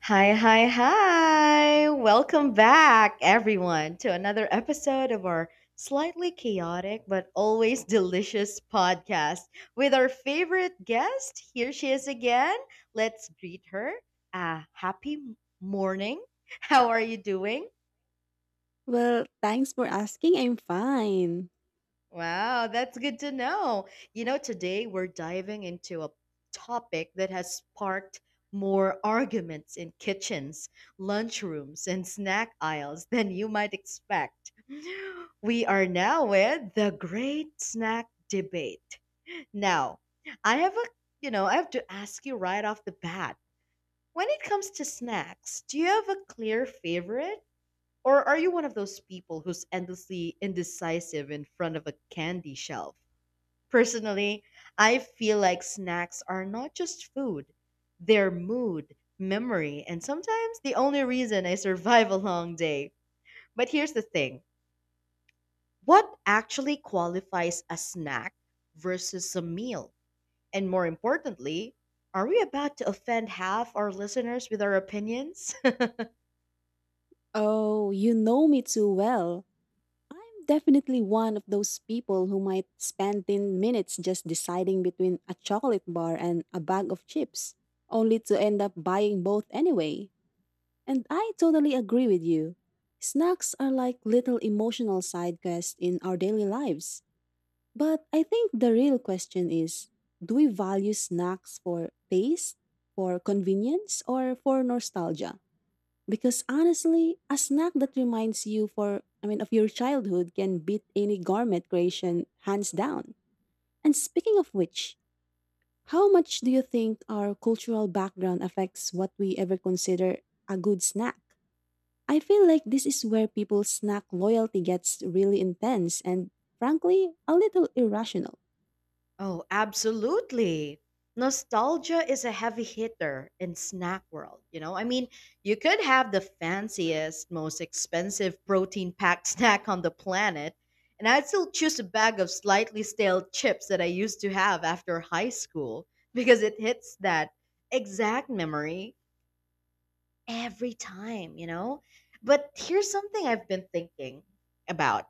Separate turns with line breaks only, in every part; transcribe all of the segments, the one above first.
Hi, hi, hi. Welcome back, everyone, to another episode of our slightly chaotic but always delicious podcast with our favorite guest. Here she is again. Let's greet her. Ah, happy morning. How are you doing?
Well, thanks for asking. I'm fine.
Wow, that's good to know. You know, today we're diving into a topic that has sparked more arguments in kitchens, lunchrooms, and snack aisles than you might expect. We are now with the great snack debate. Now, I have a, I have to ask you right off the bat. When it comes to snacks, do you have a clear favorite? Or are you one of those people who's endlessly indecisive in front of a candy shelf? Personally, I feel like snacks are not just food, they're mood, memory, and sometimes the only reason I survive a long day. But here's the thing, what actually qualifies a snack versus a meal? And more importantly, are we about to offend half our listeners with our opinions?
Oh, you know me too well. I'm definitely one of those people who might spend 10 minutes just deciding between a chocolate bar and a bag of chips, only to end up buying both anyway. And I totally agree with you. Snacks are like little emotional side quests in our daily lives. But I think the real question is, do we value snacks for taste, for convenience, or for nostalgia? Because honestly, a snack that reminds you for I mean of your childhood can beat any garment creation hands down. And speaking of which, how much do you think our cultural background affects what we ever consider a good snack? I feel like this is where people's snack loyalty gets really intense and, frankly, a little irrational.
Oh, absolutely. Nostalgia is a heavy hitter in snack world, you know? I mean, you could have the fanciest, most expensive protein-packed snack on the planet, and I'd still choose a bag of slightly stale chips that I used to have after high school because it hits that exact memory every time, you know? But here's something I've been thinking about.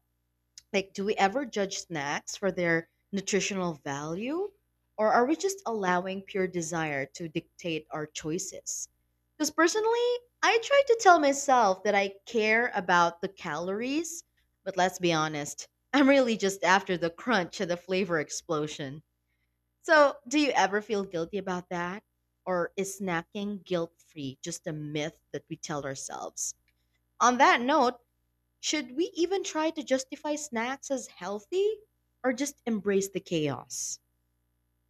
Like, do we ever judge snacks for their nutritional value? Or are we just allowing pure desire to dictate our choices? Because personally, I try to tell myself that I care about the calories, but let's be honest, I'm really just after the crunch and the flavor explosion. So, do you ever feel guilty about that? Or is snacking guilt free just a myth that we tell ourselves? On that note, should we even try to justify snacks as healthy or just embrace the chaos?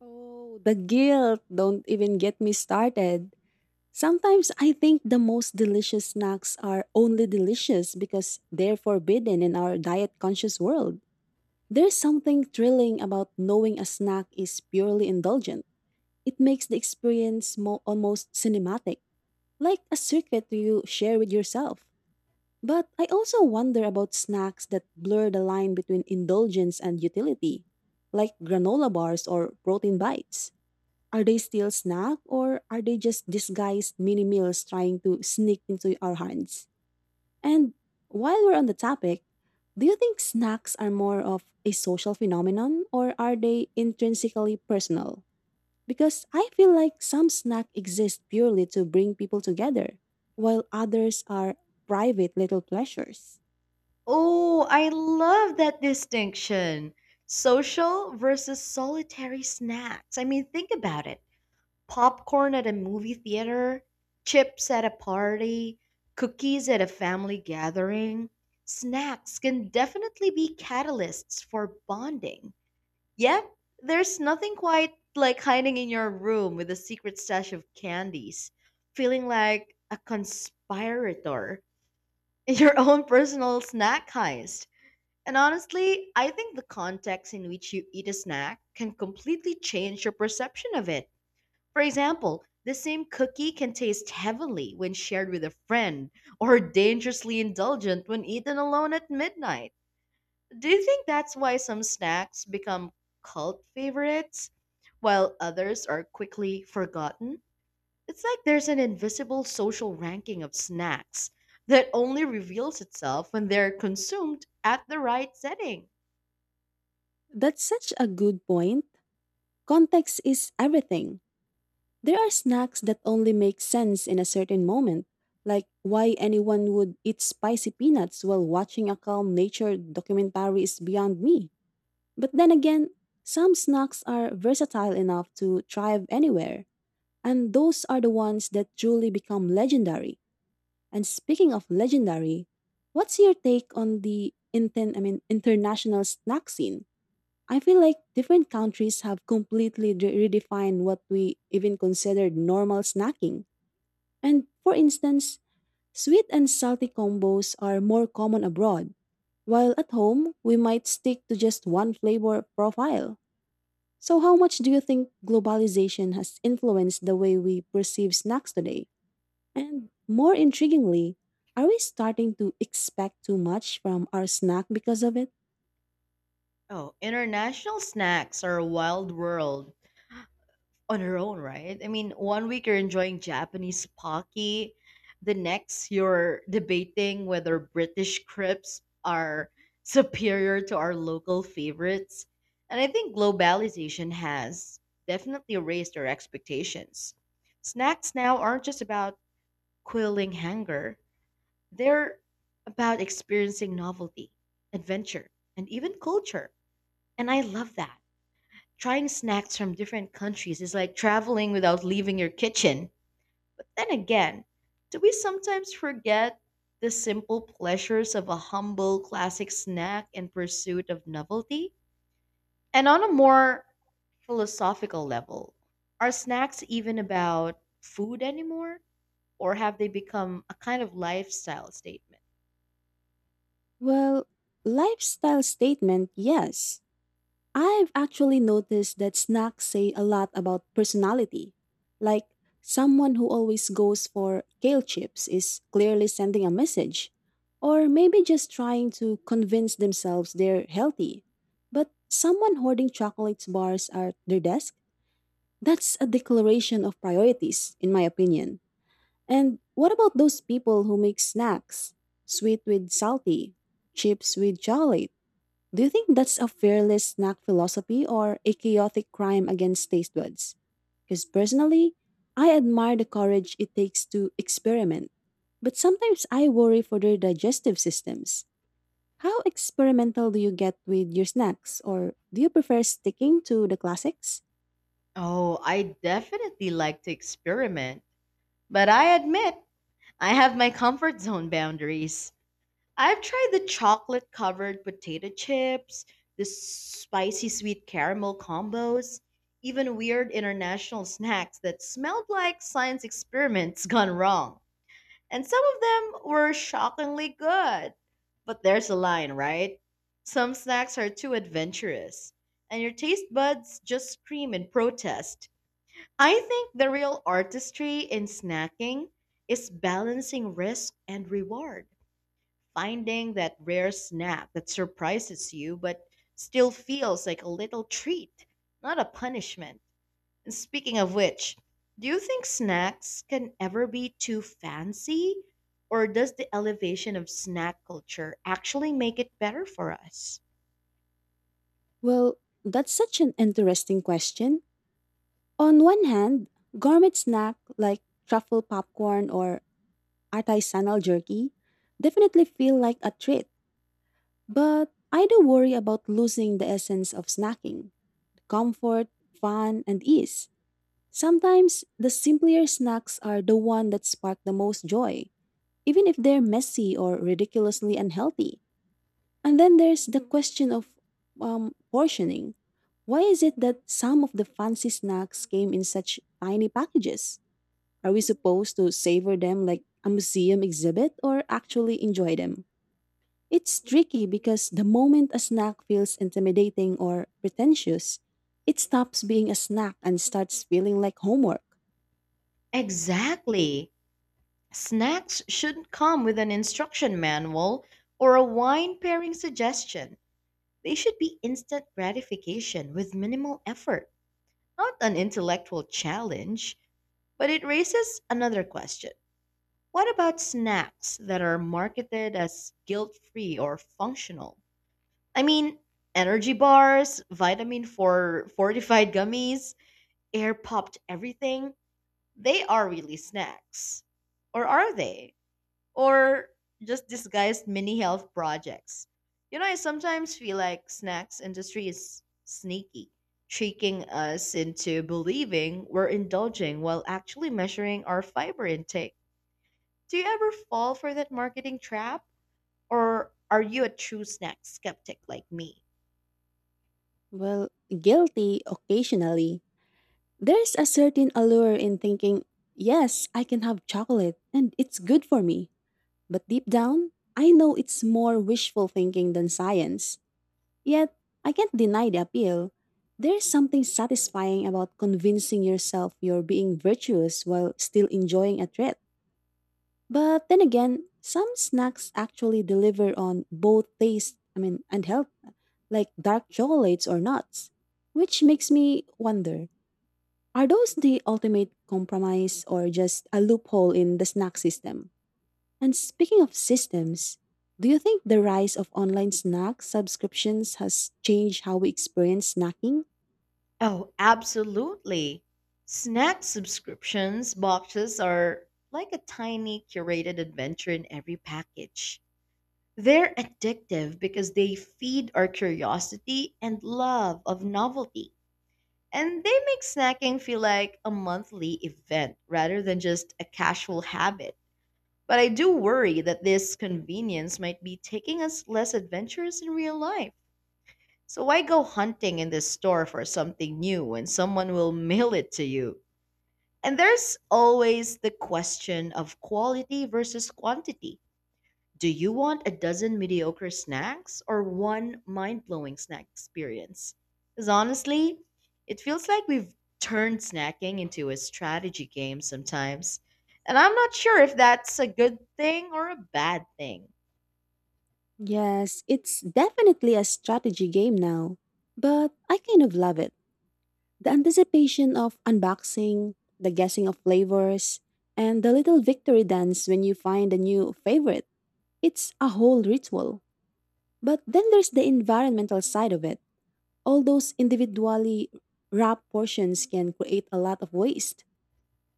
Oh, the guilt, don't even get me started. Sometimes I think the most delicious snacks are only delicious because they're forbidden in our diet conscious world. There's something thrilling about knowing a snack is purely indulgent. It makes the experience almost cinematic, like a secret you share with yourself. But I also wonder about snacks that blur the line between indulgence and utility, like granola bars or protein bites. Are they still snack, or are they just disguised mini meals trying to sneak into our hands? And while we're on the topic, do you think snacks are more of a social phenomenon, or are they intrinsically personal? Because I feel like some snack exist purely to bring people together, while others are private little pleasures.
Oh, I love that distinction. Social versus solitary snacks. I mean, think about it. Popcorn at a movie theater, chips at a party, cookies at a family gathering. Snacks can definitely be catalysts for bonding. Yeah, there's nothing quite like hiding in your room with a secret stash of candies, feeling like a conspirator in your own personal snack heist. And honestly, I think the context in which you eat a snack can completely change your perception of it. For example, the same cookie can taste heavenly when shared with a friend, or dangerously indulgent when eaten alone at midnight. Do you think that's why some snacks become cult favorites while others are quickly forgotten? It's like there's an invisible social ranking of snacks that only reveals itself when they're consumed at the right setting.
That's such a good point. Context is everything. There are snacks that only make sense in a certain moment, like why anyone would eat spicy peanuts while watching a calm nature documentary is beyond me. But then again, some snacks are versatile enough to thrive anywhere, and those are the ones that truly become legendary. And speaking of legendary, what's your take on the international snack scene? I feel like different countries have completely redefined what we even considered normal snacking. And for instance, sweet and salty combos are more common abroad, while at home we might stick to just one flavor profile. So, how much do you think globalization has influenced the way we perceive snacks today? And more intriguingly, are we starting to expect too much from our snack because of it?
Oh, international snacks are a wild world on her own, right? I mean, one week you're enjoying Japanese pocky, the next you're debating whether British crepes are superior to our local favorites. And I think globalization has definitely raised our expectations. Snacks now aren't just about quelling hunger, they're about experiencing novelty, adventure, and even culture. And I love that. Trying snacks from different countries is like traveling without leaving your kitchen. But then again, do we sometimes forget the simple pleasures of a humble classic snack in pursuit of novelty? And on a more philosophical level, are snacks even about food anymore? Or have they become a kind of lifestyle statement?
Well, lifestyle statement, yes. I've actually noticed that snacks say a lot about personality. Like, someone who always goes for kale chips is clearly sending a message, or maybe just trying to convince themselves they're healthy. But someone hoarding chocolate bars at their desk? That's a declaration of priorities, in my opinion. And what about those people who make snacks? Sweet with salty, chips with chocolate, do you think that's a fearless snack philosophy or a chaotic crime against taste buds? Because personally, I admire the courage it takes to experiment. But sometimes I worry for their digestive systems. How experimental do you get with your snacks, or do you prefer sticking to the classics?
Oh, I definitely like to experiment. But I admit, I have my comfort zone boundaries. I've tried the chocolate covered potato chips, the spicy sweet caramel combos, even weird international snacks that smelled like science experiments gone wrong. And some of them were shockingly good. But there's a line, right? Some snacks are too adventurous, and your taste buds just scream in protest. I think the real artistry in snacking is balancing risk and reward. Finding that rare snack that surprises you but still feels like a little treat, not a punishment. And speaking of which, do you think snacks can ever be too fancy? Or does the elevation of snack culture actually make it better for us?
Well, that's such an interesting question. On one hand, gourmet snack like truffle popcorn or artisanal jerky definitely feel like a treat. But I do worry about losing the essence of snacking, the comfort, fun, and ease. Sometimes the simpler snacks are the one that spark the most joy, even if they're messy or ridiculously unhealthy. And then there's the question of portioning. Why is it that some of the fancy snacks came in such tiny packages? Are we supposed to savor them like a museum exhibit or actually enjoy them? It's tricky because the moment a snack feels intimidating or pretentious, it stops being a snack and starts feeling like homework.
Exactly. Snacks shouldn't come with an instruction manual or a wine pairing suggestion. They should be instant gratification with minimal effort. Not an intellectual challenge, but it raises another question. What about snacks that are marketed as guilt free or functional? I mean, energy bars, vitamin for fortified gummies, air popped everything. They are really snacks. Or are they? Or just disguised mini health projects. You know, I sometimes feel like snacks industry is sneaky, tricking us into believing we're indulging while actually measuring our fiber intake. Do you ever fall for that marketing trap or are you a true snack skeptic like me?
Well, guilty occasionally. There's a certain allure in thinking, yes, I can have chocolate and it's good for me. But deep down, I know it's more wishful thinking than science. Yet, I can't deny the appeal. There's something satisfying about convincing yourself you're being virtuous while still enjoying a treat. But then again, some snacks actually deliver on both taste, I mean, and health, like dark chocolates or nuts, which makes me wonder, are those the ultimate compromise or just a loophole in the snack system? And speaking of systems, do you think the rise of online snack subscriptions has changed how we experience snacking?
Oh, absolutely. Snack subscriptions boxes are like a tiny curated adventure in every package. They're addictive because they feed our curiosity and love of novelty. And they make snacking feel like a monthly event rather than just a casual habit. But I do worry that this convenience might be taking us less adventurous in real life. So why go hunting in this store for something new when someone will mail it to you? And there's always the question of quality versus quantity, do you want a dozen mediocre snacks or one mind blowing snack experience? Because honestly, it feels like we've turned snacking into a strategy game sometimes. And I'm not sure if that's a good thing or a bad thing.
Yes, it's definitely a strategy game now, but I kind of love it. The anticipation of unboxing, the guessing of flavors, and the little victory dance when you find a new favorite. It's a whole ritual. But then there's the environmental side of it. All those individually wrapped portions can create a lot of waste.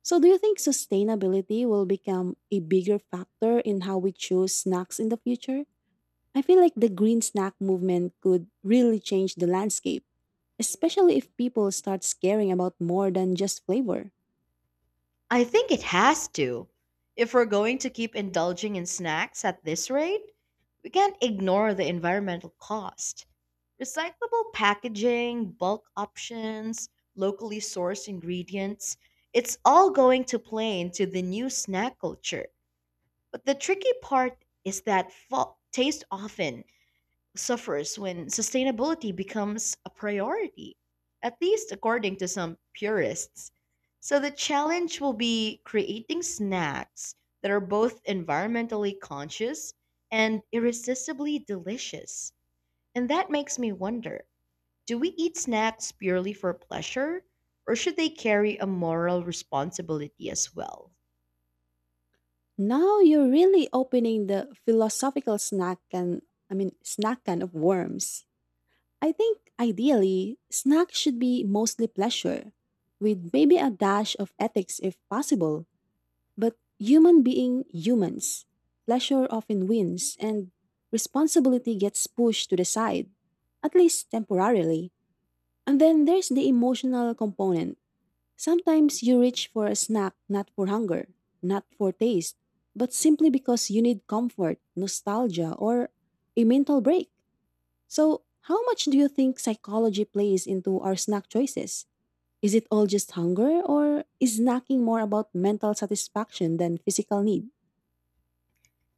So, do you think sustainability will become a bigger factor in how we choose snacks in the future? I feel like the green snack movement could really change the landscape, especially if people start caring about more than just flavor.
I think it has to. If we're going to keep indulging in snacks at this rate, we can't ignore the environmental cost. Recyclable packaging, bulk options, locally sourced ingredients, it's all going to play into the new snack culture. But the tricky part is that taste often suffers when sustainability becomes a priority, at least according to some purists. So the challenge will be creating snacks that are both environmentally conscious and irresistibly delicious. And that makes me wonder, do we eat snacks purely for pleasure, or should they carry a moral responsibility as well?
Now you're really opening the philosophical snack can of worms. I think ideally snacks should be mostly pleasure, with maybe a dash of ethics if possible. But humans, pleasure often wins and responsibility gets pushed to the side, at least temporarily. And then there's the emotional component. Sometimes you reach for a snack not for hunger, not for taste, but simply because you need comfort, nostalgia, or a mental break. So, how much do you think psychology plays into our snack choices? Is it all just hunger, or is snacking more about mental satisfaction than physical need?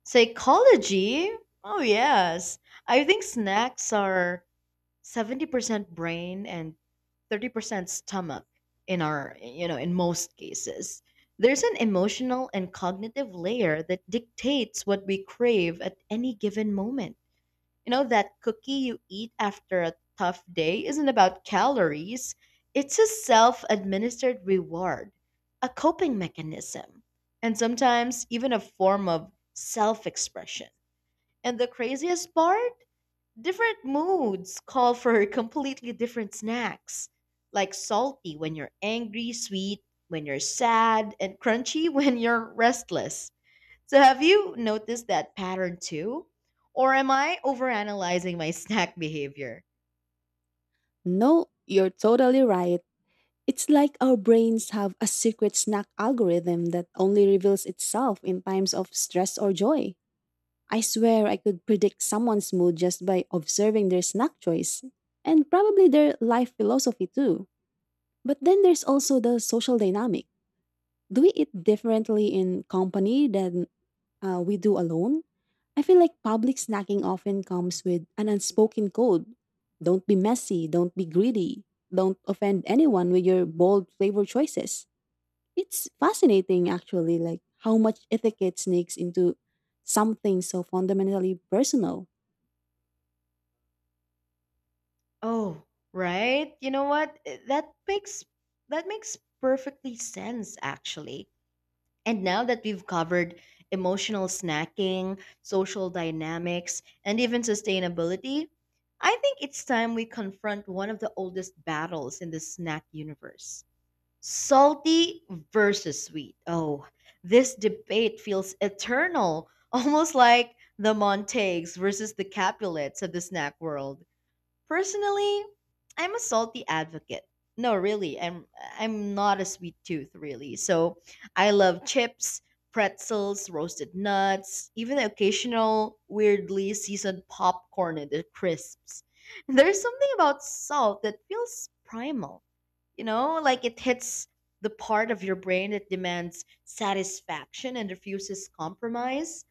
Psychology? Oh, yes. I think snacks are 70% brain and 30% stomach in our, you know, in most cases. There's an emotional and cognitive layer that dictates what we crave at any given moment. You know, that cookie you eat after a tough day isn't about calories, it's a self administered reward, a coping mechanism, and sometimes even a form of self expression. And the craziest part? Different moods call for completely different snacks, like salty when you're angry, sweet when you're sad, and crunchy when you're restless. So have you noticed that pattern too? Or am I overanalyzing my snack behavior?
No, you're totally right. It's like our brains have a secret snack algorithm that only reveals itself in times of stress or joy. I swear I could predict someone's mood just by observing their snack choice and probably their life philosophy too. But then there's also the social dynamic. Do we eat differently in company than, we do alone? I feel like public snacking often comes with an unspoken code. Don't be messy, don't be greedy, don't offend anyone with your bold flavor choices. It's fascinating actually, like how much etiquette sneaks into something so fundamentally personal.
Oh, right. You know what? That makes perfectly sense actually. And now that we've covered emotional snacking, social dynamics, and even sustainability, I think it's time we confront one of the oldest battles in the snack universe. Salty versus sweet. Oh, this debate feels eternal, almost like the Montagues versus the Capulets of the snack world. Personally, I'm a salty advocate. No, really, I'm not a sweet tooth, really. So I love chips, pretzels, roasted nuts, even the occasional weirdly seasoned popcorn and the crisps. There's something about salt that feels primal, you know, like it hits the part of your brain that demands satisfaction and refuses compromise.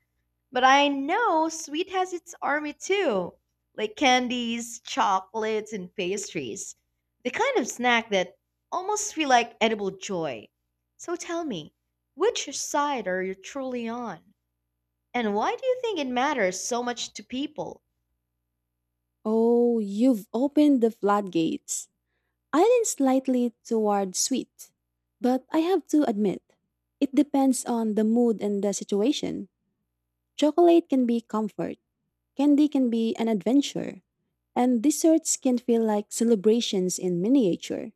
But I know sweet has its army too, like candies, chocolates, and pastries. The kind of snack that almost feel like edible joy. So tell me, which side are you truly on? And why do you think it matters so much to people?
Oh, you've opened the floodgates. I lean slightly toward sweet, but I have to admit, it depends on the mood and the situation. Chocolate can be comfort, candy can be an adventure, and desserts can feel like celebrations in miniature.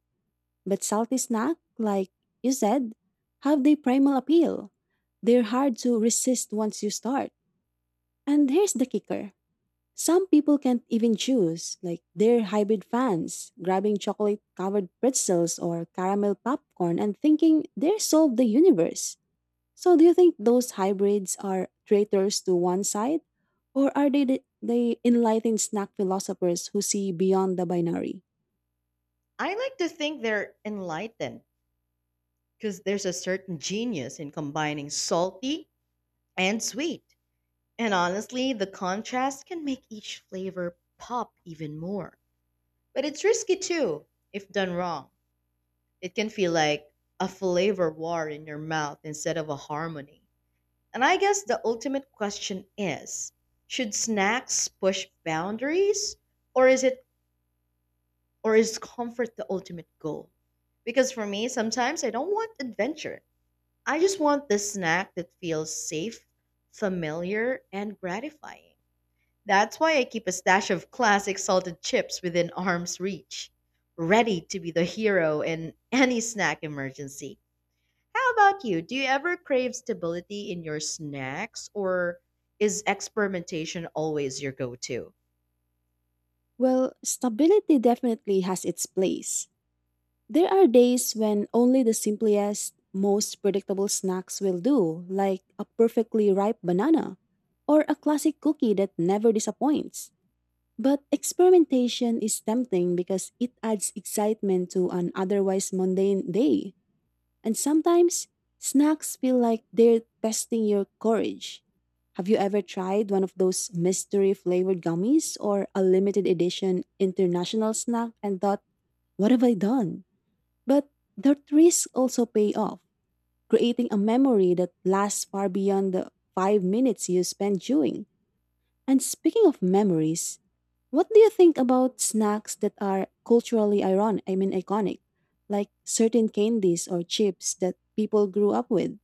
But salty snack, like you said, have the primal appeal. They're hard to resist once you start. And here's the kicker. Some people can't even choose, like they're hybrid fans, grabbing chocolate covered pretzels or caramel popcorn and thinking they solved the universe. So, do you think those hybrids are traitors to one side, or are they the enlightened snack philosophers who see beyond the binary?
I like to think they're enlightened because there's a certain genius in combining salty, and sweet. And honestly, the contrast can make each flavor pop even more. But it's risky too, if done wrong. It can feel like a flavor war in your mouth instead of a harmony. And I guess the ultimate question is, should snacks push boundaries or is it or is comfort the ultimate goal? Because for me, sometimes I don't want adventure. I just want the snack that feels safe, familiar, and gratifying. That's why I keep a stash of classic salted chips within arm's reach, ready to be the hero in any snack emergency. How about you? Do you ever crave stability in your snacks, or is experimentation always your go to?
Well, stability definitely has its place. There are days when only the simplest, most predictable snacks will do, like a perfectly ripe banana or a classic cookie that never disappoints. But experimentation is tempting because it adds excitement to an otherwise mundane day. And sometimes, snacks feel like they're testing your courage. Have you ever tried one of those mystery flavored gummies or a limited edition international snack and thought, what have I done? But that risk also pay off, creating a memory that lasts far beyond the 5 minutes you spend chewing. And speaking of memories, what do you think about snacks that are culturally iron I mean iconic, like certain candies or chips that people grew up with?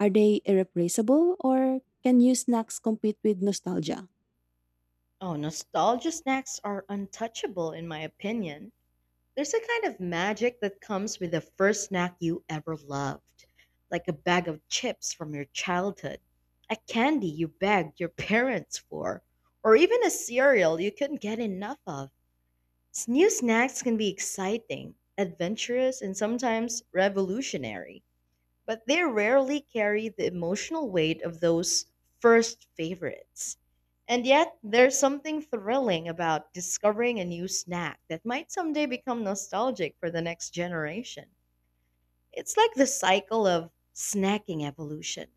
Are they irreplaceable or can new snacks compete with nostalgia?
Oh, nostalgia snacks are untouchable, in my opinion. There's a kind of magic that comes with the first snack you ever loved, like a bag of chips from your childhood, a candy you begged your parents for, or even a cereal you couldn't get enough of. New snacks can be exciting, adventurous, and sometimes revolutionary, but they rarely carry the emotional weight of those first favorites. And yet, there's something thrilling about discovering a new snack that might someday become nostalgic for the next generation. It's like the cycle of snacking evolution.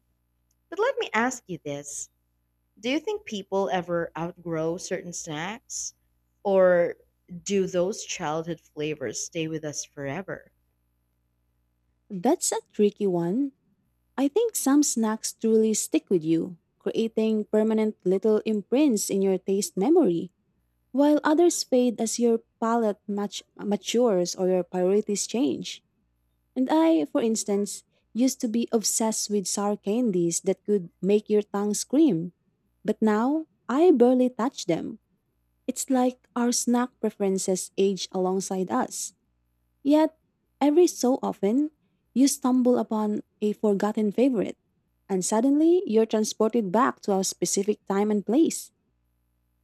But let me ask you this, do you think people ever outgrow certain snacks? Or do those childhood flavors stay with us forever?
That's a tricky one. I think some snacks truly stick with you, creating permanent little imprints in your taste memory, while others fade as your palate matures or your priorities change. And I, for instance, used to be obsessed with sour candies that could make your tongue scream, but now I barely touch them. It's like our snack preferences age alongside us. Yet, every so often, you stumble upon a forgotten favorite, and suddenly you're transported back to a specific time and place.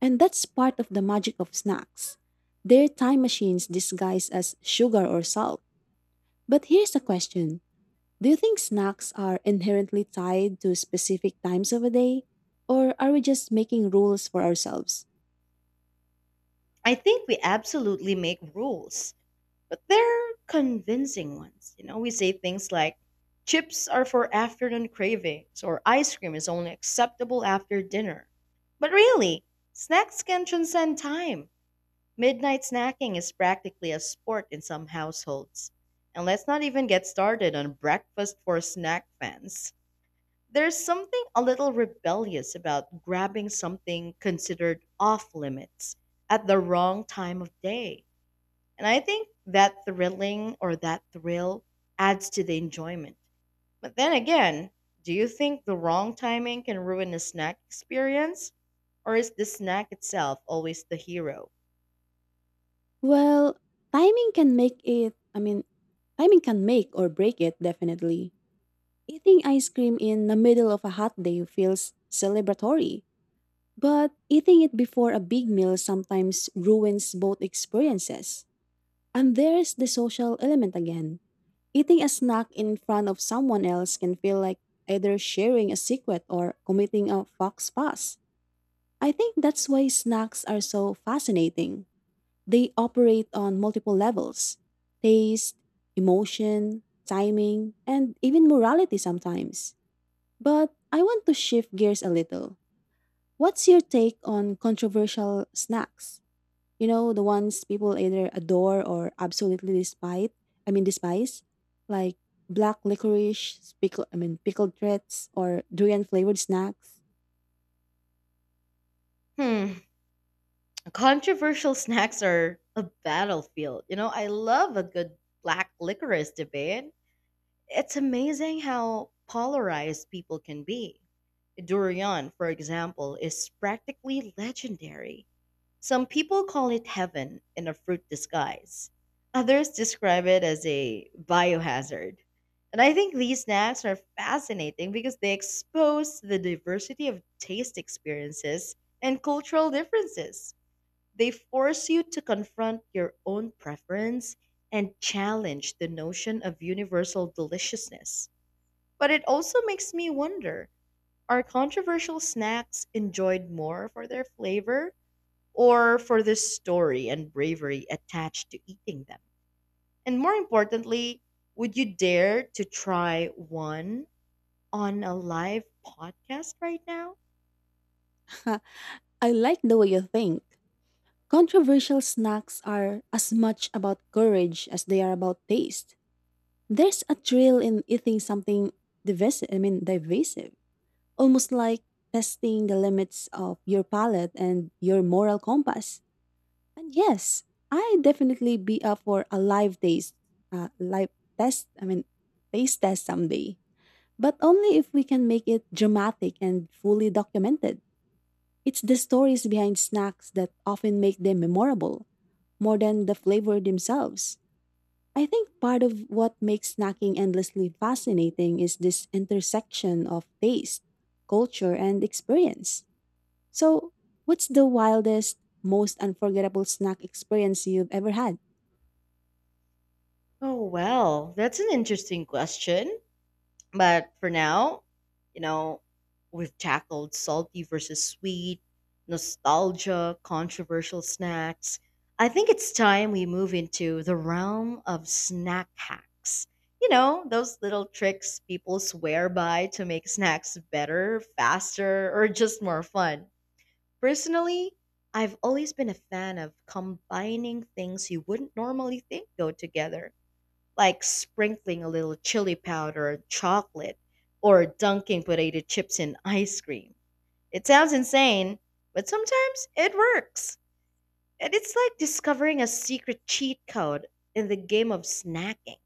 And that's part of the magic of snacks. They're time machines disguised as sugar or salt. But here's a question. Do you think snacks are inherently tied to specific times of a day? Or are we just making rules for ourselves?
I think we absolutely make rules but they're convincing ones. You know, we say things like chips are for afternoon cravings or ice cream is only acceptable after dinner. But really, snacks can transcend time. Midnight snacking is practically a sport in some households. And let's not even get started on breakfast for snack fans. There's something a little rebellious about grabbing something considered off limits at the wrong time of day. And I think that thrilling or that thrill adds to the enjoyment. But then again, do you think the wrong timing can ruin a snack experience? Or is the snack itself always the hero?
Well, timing can make it, I mean, timing can make or break it, definitely. Eating ice cream in the middle of a hot day feels celebratory, but eating it before a big meal sometimes ruins both experiences. And there's the social element again. Eating a snack in front of someone else can feel like either sharing a secret or committing a fox pass. I think that's why snacks are so fascinating. They operate on multiple levels: taste, emotion, timing, and even morality sometimes. But I want to shift gears a little. What's your take on controversial snacks? You know, the ones people either adore or absolutely despise. I mean, despise, like black licorice, pickle. Pickled threats or durian flavored snacks.
Hmm, controversial snacks are a battlefield. You know, I love a good black licorice debate. It's amazing how polarized people can be. Durian, for example, is practically legendary. Some people call it heaven in a fruit disguise. Others describe it as a biohazard. And I think these snacks are fascinating because they expose the diversity of taste experiences and cultural differences. They force you to confront your own preference and challenge the notion of universal deliciousness. But it also makes me wonder, are controversial snacks enjoyed more for their flavor or for the story and bravery attached to eating them? And more importantly, would you dare to try one on a live podcast right now?
I like the way you think. Controversial snacks are as much about courage as they are about taste. There's a thrill in eating something divisive, almost like testing the limits of your palate and your moral compass. And yes, I definitely be up for a live taste, live test. I mean, taste test someday, but only if we can make it dramatic and fully documented. It's the stories behind snacks that often make them memorable, more than the flavor themselves. I think part of what makes snacking endlessly fascinating is this intersection of taste, culture, and experience. So, what's the wildest, most unforgettable snack experience you've ever had?
Oh, well, that's an interesting question. But for now, you know, we've tackled salty versus sweet, nostalgia, controversial snacks. I think it's time we move into the realm of snack hacks. You know, those little tricks people swear by to make snacks better, faster, or just more fun. Personally, I've always been a fan of combining things you wouldn't normally think go together, like sprinkling a little chili powder or chocolate or dunking potato chips in ice cream. It sounds insane, but sometimes it works. And it's like discovering a secret cheat code in the game of snacking.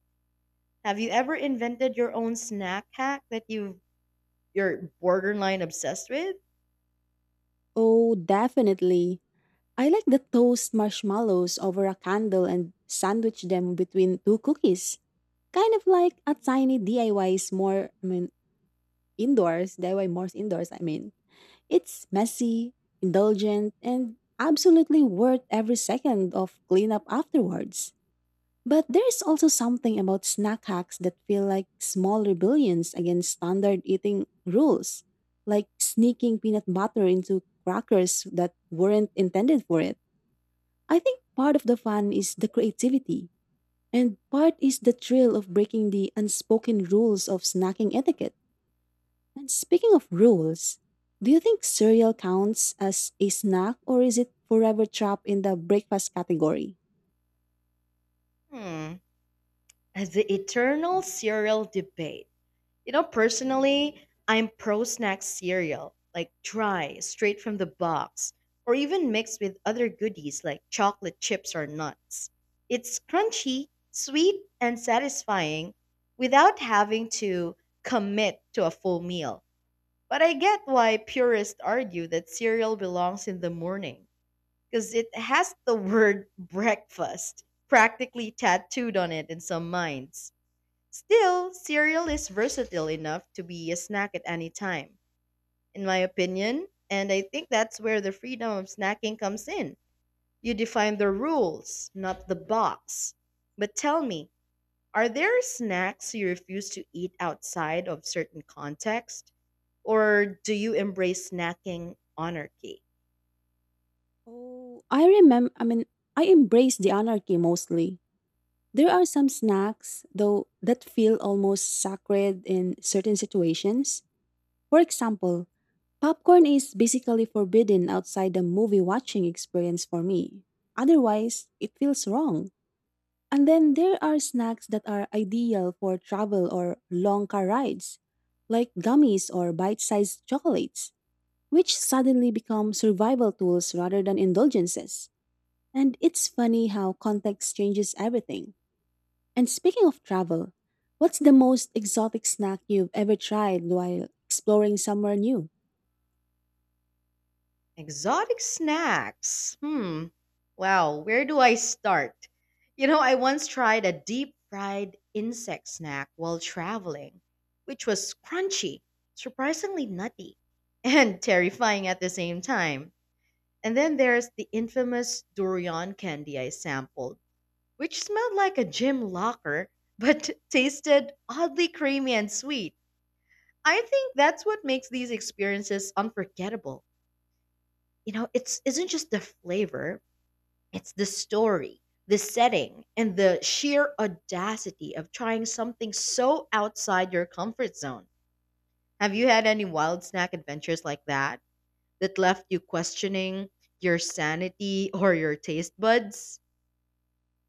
Have you ever invented your own snack hack that you're borderline obsessed with?
Oh, definitely. I like the toast marshmallows over a candle and sandwich them between two cookies. Kind of like a tiny DIY more indoors, I mean. It's messy, indulgent, and absolutely worth every second of cleanup afterwards. But there's also something about snack hacks that feel like small rebellions against standard eating rules, like sneaking peanut butter into crackers that weren't intended for it. I think part of the fun is the creativity, and part is the thrill of breaking the unspoken rules of snacking etiquette. And speaking of rules, do you think cereal counts as a snack or is it forever trapped in the breakfast category?
Hmm. The eternal cereal debate. You know, personally, I'm pro snack cereal, like dry, straight from the box, or even mixed with other goodies like chocolate chips or nuts. It's crunchy, sweet, and satisfying without having to commit to a full meal. But I get why purists argue that cereal belongs in the morning, because it has the word breakfast practically tattooed on it in some minds. Still, cereal is versatile enough to be a snack at any time, in my opinion, and I think that's where the freedom of snacking comes in. You define the rules, not the box. But tell me, are there snacks you refuse to eat outside of certain context? Or do you embrace snacking anarchy?
Oh, I remember. I mean, I embrace the anarchy mostly. There are some snacks, though, that feel almost sacred in certain situations. For example, popcorn is basically forbidden outside the movie watching experience for me. Otherwise, it feels wrong. And then there are snacks that are ideal for travel or long car rides, like gummies or bite sized chocolates, which suddenly become survival tools rather than indulgences. And it's funny how context changes everything. And speaking of travel, what's the most exotic snack you've ever tried while exploring somewhere new?
Exotic snacks. Hmm. Wow, where do I start? You know, I once tried a deep fried insect snack while traveling, which was crunchy, surprisingly nutty, and terrifying at the same time. And then there's the infamous durian candy I sampled, which smelled like a gym locker, but tasted oddly creamy and sweet. I think that's what makes these experiences unforgettable. You know, it's isn't just the flavor, it's the story, the setting, and the sheer audacity of trying something so outside your comfort zone. Have you had any wild snack adventures like that that left you questioning your sanity or your taste buds?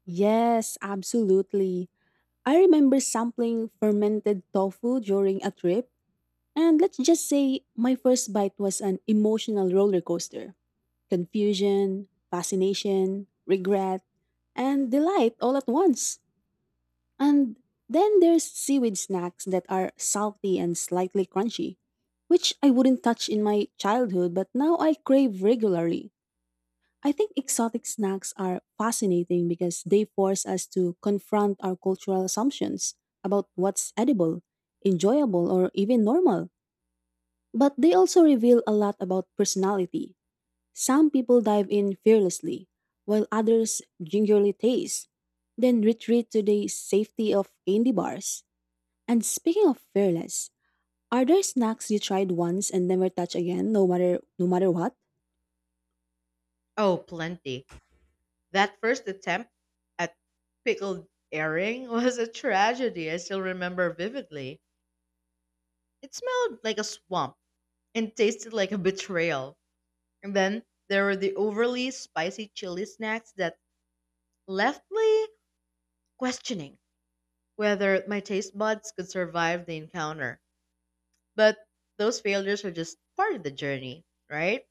Yes, absolutely. I remember sampling fermented tofu during a trip, and let's just say my first bite was an emotional roller coaster. Confusion, fascination, regret, and delight all at once. And then there's seaweed snacks that are salty and slightly crunchy, which I wouldn't touch in my childhood, but now I crave regularly. I think exotic snacks are fascinating because they force us to confront our cultural assumptions about what's edible, enjoyable, or even normal. But they also reveal a lot about personality. Some people dive in fearlessly, while others gingerly taste, then retreat to the safety of candy bars. And speaking of fearless, are there snacks you tried once and never touch again, no matter what?
Oh, plenty. That first attempt at pickled herring was a tragedy I still remember vividly. It smelled like a swamp and tasted like a betrayal. And then there were the overly spicy chili snacks that left me questioning whether my taste buds could survive the encounter. But those failures are just part of the journey, right?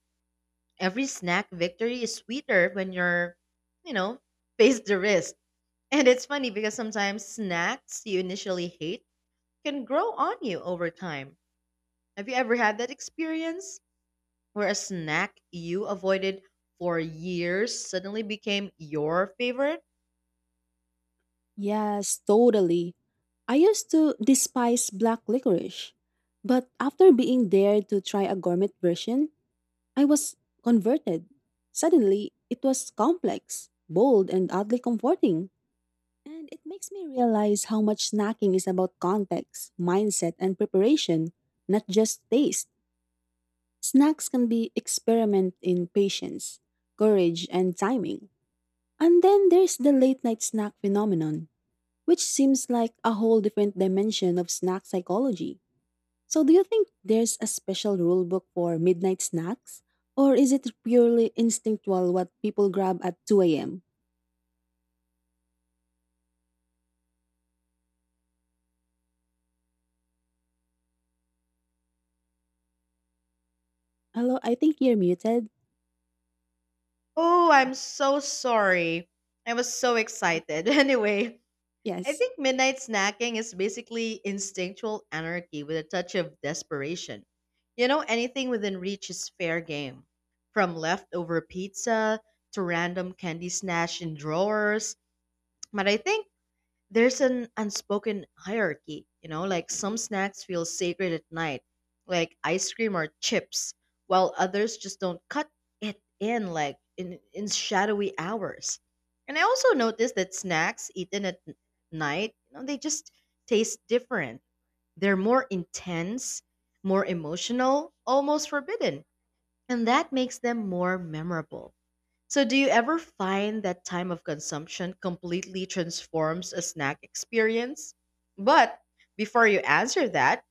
Every snack victory is sweeter when you're, you know, face the risk. And it's funny because sometimes snacks you initially hate can grow on you over time. Have you ever had that experience where a snack you avoided for years suddenly became your favorite?
Yes, totally. I used to despise black licorice, but after being dared to try a gourmet version, I was converted. Suddenly, it was complex, bold, and oddly comforting. And it makes me realize how much snacking is about context, mindset, and preparation, not just taste. Snacks can be experiment in patience, courage, and timing. And then there's the late night snack phenomenon, which seems like a whole different dimension of snack psychology. So do you think there's a special rule book for midnight snacks? Or is it purely instinctual what people grab at 2 a.m.? Hello, I think you're muted.
Oh, I'm so sorry. I was so
I-
excited. Anyway, I
yes.
think midnight snacking is basically instinctual anarchy with a touch of desperation. You know, anything within reach is fair game. From leftover pizza to random candy snatched in drawers. But I think there's an unspoken hierarchy, you know, like some snacks feel sacred at night, like ice cream or chips, while others just don't cut it in in shadowy hours. And I also noticed that snacks eaten at night, you know, they just taste different. They're more intense, more emotional, almost forbidden. And that makes them more memorable. So, do you ever find that time of consumption completely transforms a snack experience? But before you answer that,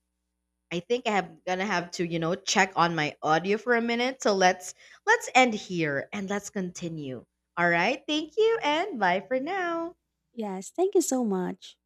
I think I'm gonna have to, you know, check on my audio for a minute. So let's end here and let's continue. All right, thank you and bye for now.
Yes, thank you so much.